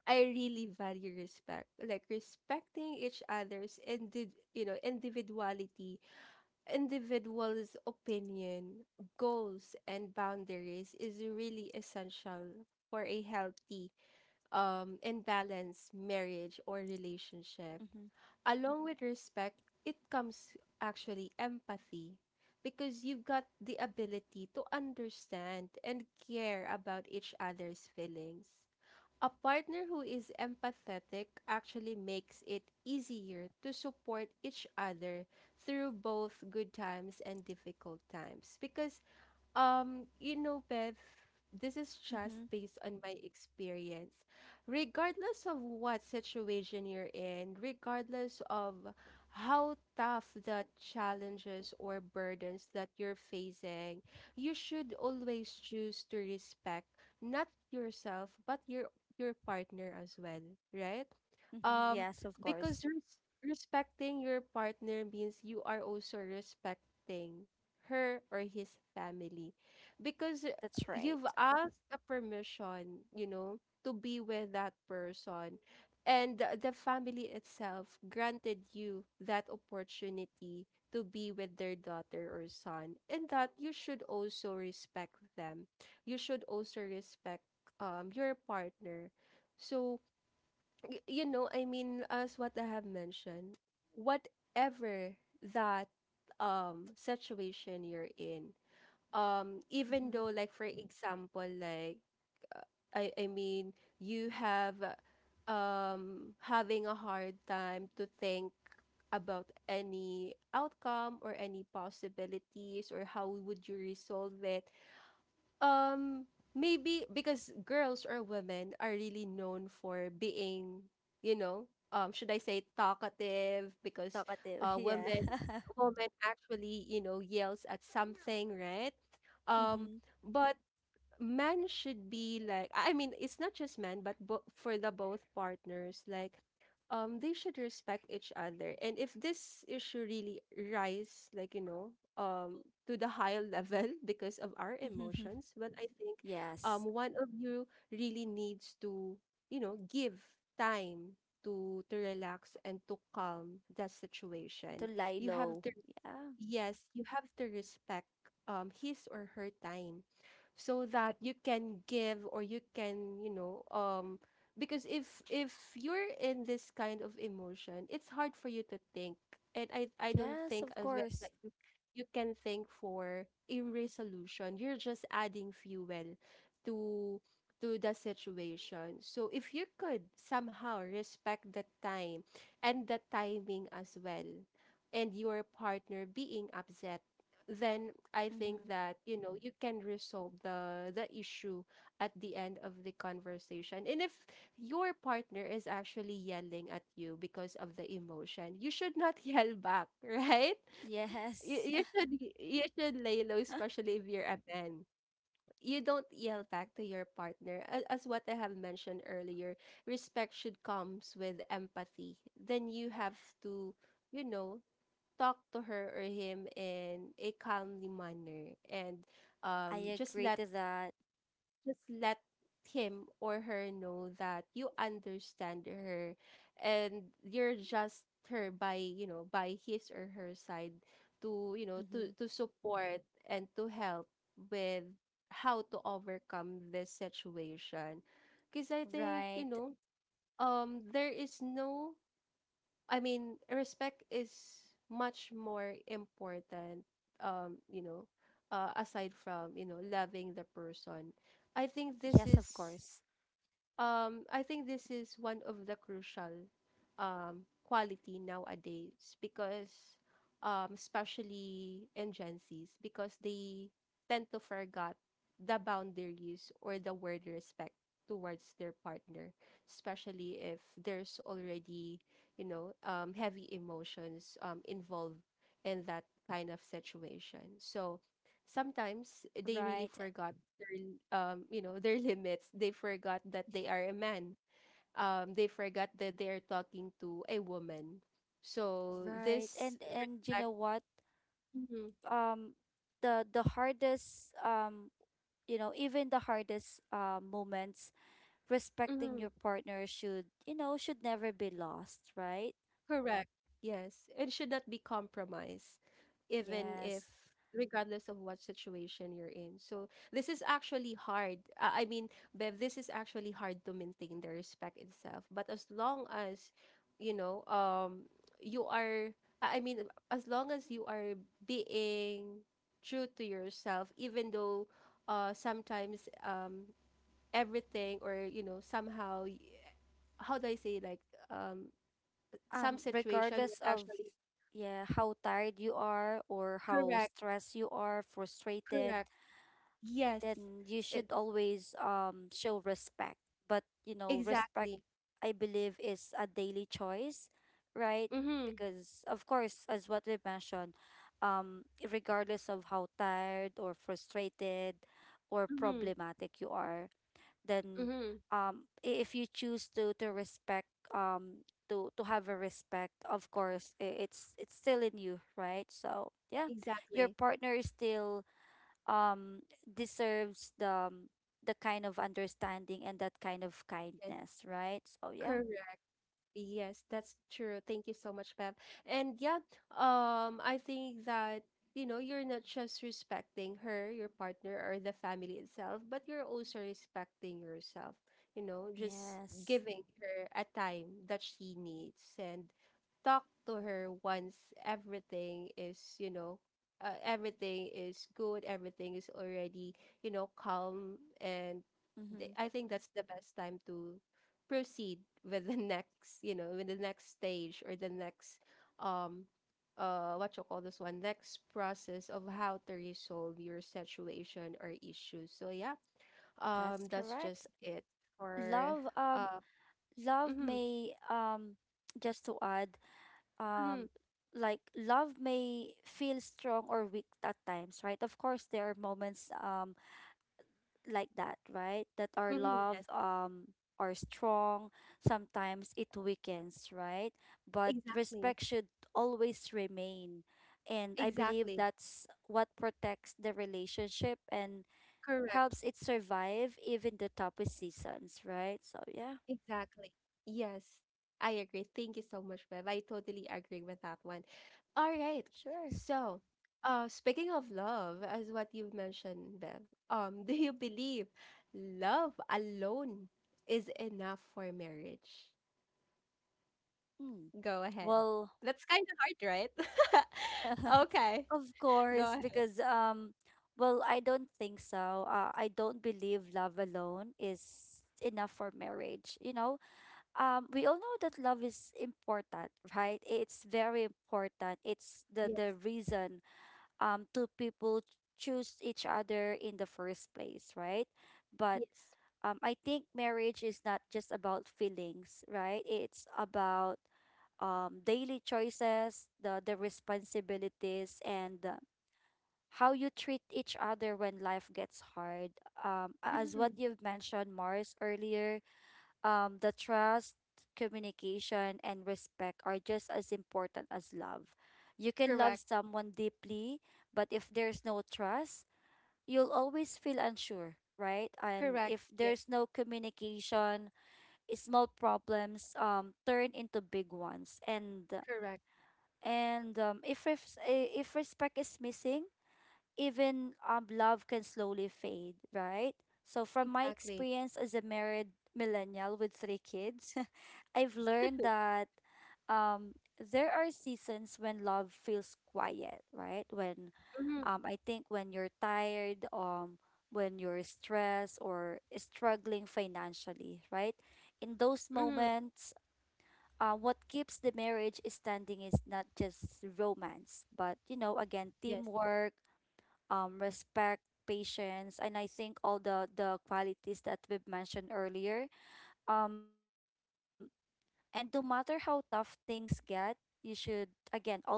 A: I really value respect, like respecting each other's you know, individuality, individual's opinion, goals, and boundaries is really essential for a healthy and balanced marriage or relationship. Along with respect, it comes actually empathy because you've got the ability to understand and care about each other's feelings. A partner who is empathetic actually makes it easier to support each other through both good times and difficult times because you know, Bev, this is just
B: Mm-hmm.
A: based on my experience. Regardless of what situation you're in, regardless of how tough the challenges or burdens that you're facing, you should always choose to respect not yourself, but your partner as well, right?
B: Mm-hmm.
A: Um,
B: Yes, of course.
A: because respecting your partner means you are also respecting her or his family. Because
B: That's right.
A: you've asked a permission, you know, to be with that person. And the family itself granted you that opportunity to be with their daughter or son, and that you should also respect them. You should also respect your partner. So, you know, I mean, as what I have mentioned, whatever that situation you're in, even
B: Mm-hmm.
A: though like for example, like I mean, you have having a hard time to think about any outcome or any possibilities or how would you resolve it, um, maybe because girls or women are really known for being, you know, should I say talkative? Because
B: Talkative. Yeah.
A: women, women actually, you know, yells at something, right? Um,
B: Mm-hmm.
A: but men should be like, I mean, it's not just men but for the both partners, like they should respect each other. And if this issue really rise, like, you know, to the higher level because of our emotions, but I think
B: Yes,
A: one of you really needs to, you know, give time to relax and to calm that
B: to
A: situation.
B: lie
A: You have
B: low.
A: to,
B: Yeah.
A: yes, you have to respect his or her time so that you can give or you can, you know, um, because if you're in this kind of emotion, it's hard for you to think. And I don't
B: Yes,
A: think
B: of
A: as well
B: course.
A: that you can think for a resolution. You're just adding fuel to to the situation. So if you could somehow respect the time and the timing as well and your partner being upset, then I
B: Mm-hmm.
A: think that, you know, you can resolve the issue at the end of the conversation. And if your partner is actually yelling at you because of the emotion, you should not yell back, right? You,
B: Yes.
A: you should, you should lay low, especially if you're a man. You don't yell back to your partner. As what I have mentioned earlier, respect should comes with empathy. Then you have to, you know, talk to her or him in a calmly manner and
B: I
A: just
B: agree
A: let,
B: to that.
A: just let him or her know that you understand her and you're just her by, you know, by his or her side to, you know,
B: Mm-hmm.
A: to support and to help with how to overcome this situation because I think, you
B: Right.
A: know, there is no, I mean, respect is much more important, you know, aside from, you know, loving the person. I think
B: Yes, of
A: this
B: course.
A: is I think this is one of the crucial quality nowadays because especially in Gen Zs because they tend to forget the boundaries or the word respect towards their partner, especially if there's already, you know, heavy emotions involved in that kind of situation. So
B: Right.
A: sometimes they really forgot their you know, their limits. They forgot that they are a man, they forgot that they are talking to a woman. So
B: Right.
A: this
B: And you know
A: respect,
B: what?
A: mm-hmm,
B: Um, the hardest you know, even the hardest moments, respecting
A: mm-hmm.
B: your partner should, you know, should never be lost, right?
A: Correct. Yes. It should not be compromised, even if,
B: Yes.
A: regardless of what situation you're in. So, this is actually hard. I mean, Bev, this is actually hard to maintain the respect itself. But as long as, you know, you are, I mean, as long as you are being true to yourself, even though sometimes everything or, you know, somehow, how do I say, like, um, some situation will
B: Regardless of,
A: actually,
B: yeah, how tired you are or how
A: correct,
B: stressed you are, frustrated,
A: correct. Yes.
B: then you
A: It,
B: should always show respect. But you know, respect
A: exactly.
B: I believe is a daily choice, right?
A: Mm-hmm.
B: Because of course, as what we mentioned, um regardless of how tired or frustrated or
A: Mm-hmm.
B: problematic you are, then
A: Mm-hmm.
B: if you choose to respect, um to have a respect, of course, it's still in you, right? So yeah, your
A: Exactly.
B: partner is still um deserves the kind of understanding and that kind of kindness, right? So yeah.
A: Yes. Yes, that's true. Thank you so much, Bev. And yeah, I think that, you know, you're not just respecting her, your partner, or the family itself, but you're also respecting yourself, you know, just
B: Yes.
A: giving her a time that she needs and talk to her once everything is, you know, everything is good, everything is already, you know, calm. And
B: Mm-hmm.
A: I think that's the best time to proceed with the next, you know, with the next stage or the next um uh, what you call this one, next process of how to resolve your situation or issues. So yeah,
B: That's
A: that's
B: correct.
A: just it for
B: Love
A: uh,
B: love
A: mm-hmm,
B: may Just to add,
A: mm-hmm,
B: um like love may feel strong or weak at times, right? Of course there are moments, like that, right, that our
A: mm-hmm.
B: love
A: Yes,
B: are strong, sometimes it weakens, right? But
A: exactly,
B: respect should always remain, and I believe
A: exactly,
B: that's what protects the relationship and
A: correct.
B: helps it survive even the toughest seasons, right? So yeah.
A: Exactly. Yes, I agree. Thank you so much, Bev. I totally agree with that one. All right.
B: Sure.
A: So, speaking of love, as what you mentioned, Bev, do you believe love alone is enough for marriage?
B: Mm.
A: Go ahead.
B: Well,
A: That's kind of hard, right? Okay,
B: of
A: go
B: course.
A: ahead.
B: Because well, I don't think so. I don't believe love alone is enough for marriage. You know, we all know that love is important, right? It's very important. It's
A: Yes,
B: the reason two people choose each other in the first place, right? But
A: yes.
B: I think marriage is not just about feelings, right? It's about daily choices, the responsibilities, and how you treat each other when life gets hard. As what
A: Mm,
B: you've mentioned, Mars, earlier, the trust, communication, and respect are just as important as love. You can love
A: correct,
B: someone deeply, but if there's no trust, you'll always feel unsure, right? And
A: correct.
B: if
A: Yes,
B: there's no communication, small problems turn into big ones. And
A: correct.
B: if if respect is missing, even, love can slowly fade, right? So from my
A: Exactly.
B: experience as a married millennial with three kids, I've learned that, um, there are seasons when love feels quiet, right? When,
A: Mm-hmm,
B: I think when you're tired, when you're stressed or struggling financially, right? In those
A: mm-hmm.
B: moments, what keeps the marriage standing is not just romance, but you know, again,
A: Yes,
B: teamwork, respect, patience, and I think all the qualities that we've mentioned earlier. Um, and no matter how tough things get, you should again always,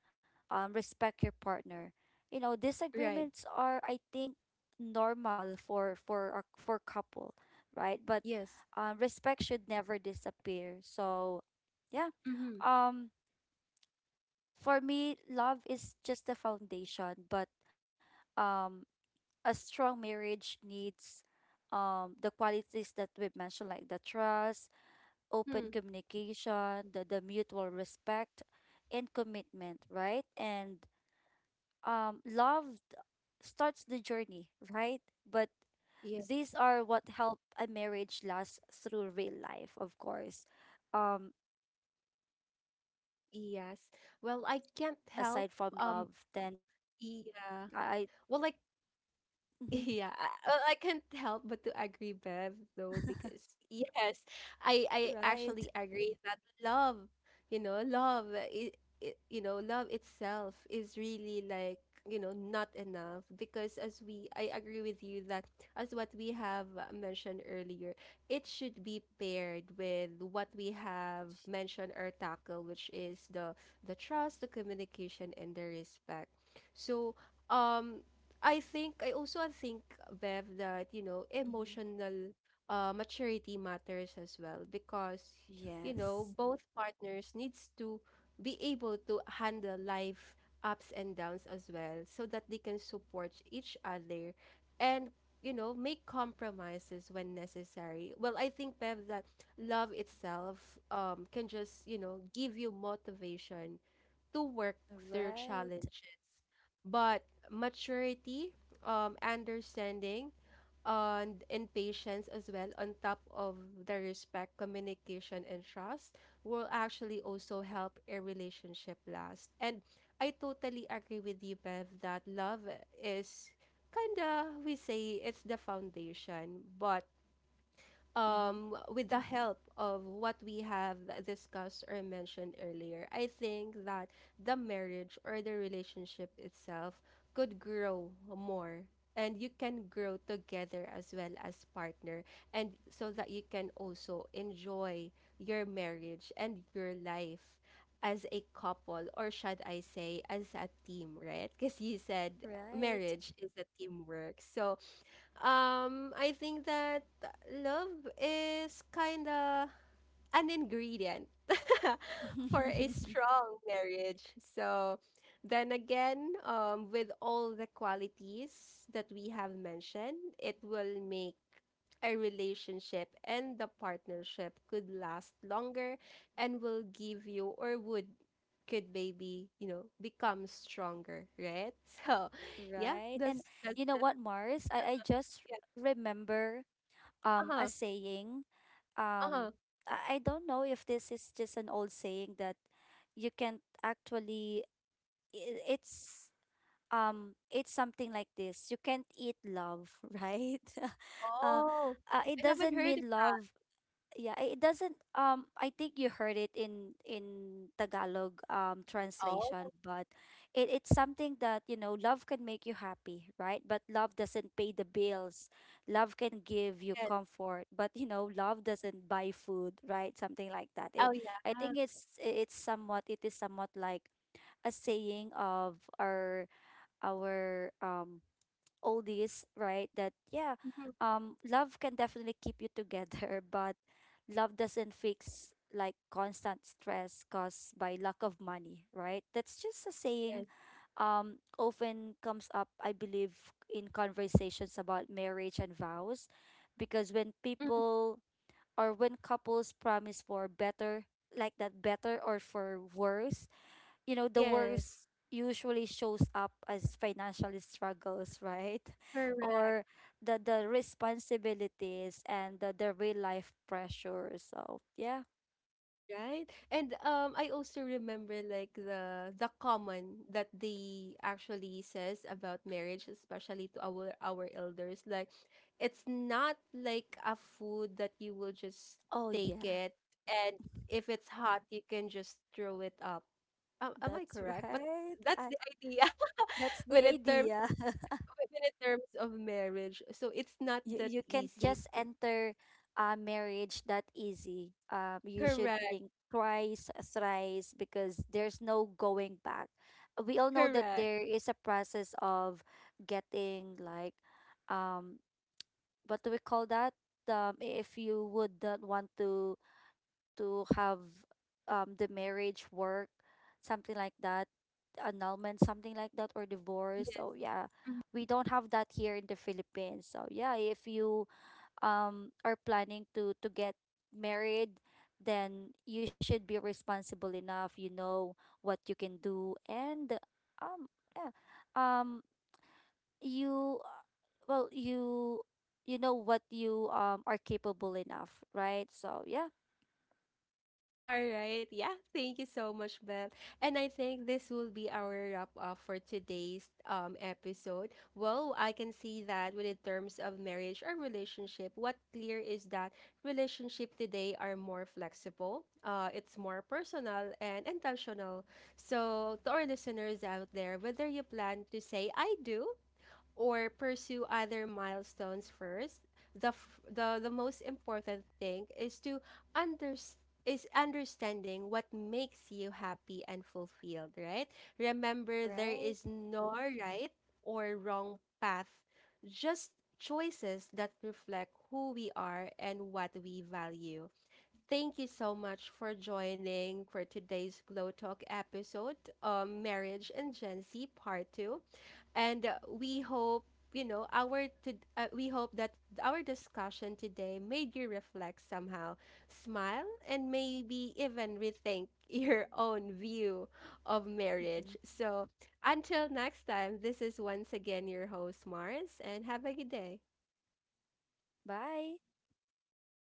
B: respect your partner. You know,
A: right.
B: disagreements are, I think, normal for a for couple, right? But
A: Yes.
B: respect should never disappear. So, yeah.
A: Mm-hmm.
B: Um, for me, love is just the foundation, but, um, a strong marriage needs, the qualities that we've mentioned, like the trust, open
A: Hmm.
B: communication, the mutual respect, and commitment, right? And love starts the journey, right? But
A: Yes.
B: these are what help a marriage last through real life, of course. Um, Well, if you
A: Yes.
B: have
A: Well, I
B: those
A: can't help,
B: qualities aside
A: um
B: from love, then I.
A: yeah. Well, I,
B: Mm-hmm.
A: yeah, I, well, I can't help but to agree, Bev, though, because yes, I actually
B: Right.
A: agree that love, you know, love, it, you know, love itself is really like, you know, not enough because as we, I agree with you that as what we have mentioned earlier, it should be paired with what we have mentioned or tackled, which is the trust, the communication, and the respect. So, um I think I also think, Bev, that you know
B: Mm-hmm.
A: emotional maturity matters as well because you know both
B: Yes.
A: partners needs to be able to handle life ups and downs as well so that they can support each other and, you know, make compromises when necessary. Well, I think, Bev, that love itself can just, you know, give you motivation to work through challenges,
B: Right.
A: but maturity, understanding, and patience as well, on top of the respect, communication, and trust, will actually also help a relationship last. And I totally agree with you, Bev, that love is kind of, we say, it's the foundation. But
B: Mm-hmm.
A: with the help of what we have discussed or mentioned earlier, I think that the marriage or the relationship itself could grow more and you can grow together as well as partner and so that you can also enjoy your marriage and your life as a couple or should I say as a team, right? Because you said
B: Right.
A: marriage is a teamwork. So I think that love is kind of an ingredient for a strong marriage. So, then again, with all the qualities that we have mentioned, it will make a relationship and the partnership could last longer and will give you or would, could maybe, you know, become stronger, right? So, yeah,
B: Right. And you
A: that's
B: know
A: just
B: what, Mars? I just
A: yeah.
B: remember a
A: Uh-huh,
B: saying.
A: uh-huh.
B: Um I don't know if this is just an old saying that you can't actually, i- it's it's something like this: you can't eat love. Right. uh,
A: Oh,
B: uh, it
A: I haven't
B: doesn't
A: heard of,
B: mean love. Yeah, it doesn't, I think you heard it in tagalog
A: oh,
B: translation. But it's something that you know, love can make you happy, right? But love doesn't pay the bills. Love can give you
A: yes.
B: comfort, but you know, love doesn't buy food, right? Something like that. It,
A: Oh,
B: I
A: yeah.
B: think It's somewhat it is somewhat like a saying of our our um oldies, right? That, yeah,
A: Mhm.
B: love can definitely keep you together, but love doesn't fix like constant stress caused by lack of money, right? That's just a
A: Yes.
B: saying often comes up, I believe, in conversations about marriage and vows. Because when
A: Mm,
B: people or when couples promise for better, like that, better or for worse, you know, the
A: yes.
B: worst usually shows up as financial struggles, right?
A: Correct.
B: Or the responsibilities and the real life pressure. So yeah.
A: Right. And I also remember like the common that they actually says about marriage, especially to our elders. Like, it's not like a food that you will just
B: Oh
A: take
B: yeah,
A: it, and if it's hot, you can just throw it up. Am I
B: that's
A: correct? But
B: right.
A: that's the idea.
B: That's
A: When
B: the
A: it terms,
B: idea.
A: even in terms of marriage. So it's not
B: you
A: that
B: you can't
A: easy.
B: just enter a marriage that easy. You should
A: Correct.
B: think twice, thrice, because there's no going back. We all know that
A: Correct.
B: there is a process of getting like, um, what do we call that? If you would not want to have the marriage work, something like that, annulment, something like that, or divorce.
A: Yes.
B: So yeah,
A: Mhm.
B: we don't have that here in the Philippines. So yeah, if you, are planning to get married, then you should be responsible enough. You know what you can do, and yeah, um you well you know what you, are capable enough, right? So yeah.
A: All right. Yeah. Thank you so much, Beth. And I think this will be our wrap up for today's episode. Well, I can see that when, in terms of marriage or relationship, what clear is that relationship today are more flexible. It's more personal and intentional. So to our listeners out there, whether you plan to say I do or pursue other milestones first, the most important thing is to under, is understanding what makes you happy and fulfilled, right? Remember, there
B: Right.
A: is no right or wrong path, just choices that reflect who we are and what we value. Thank you so much for joining for today's Glow Talk episode, Marriage and Gen Z Part 2, and we hope, you know, our to, we hope that our discussion today made you reflect somehow, smile, and maybe even rethink your own view of
B: Hmm.
A: marriage. So until next time, this is once again your host Mars, and have a good day.
B: Bye.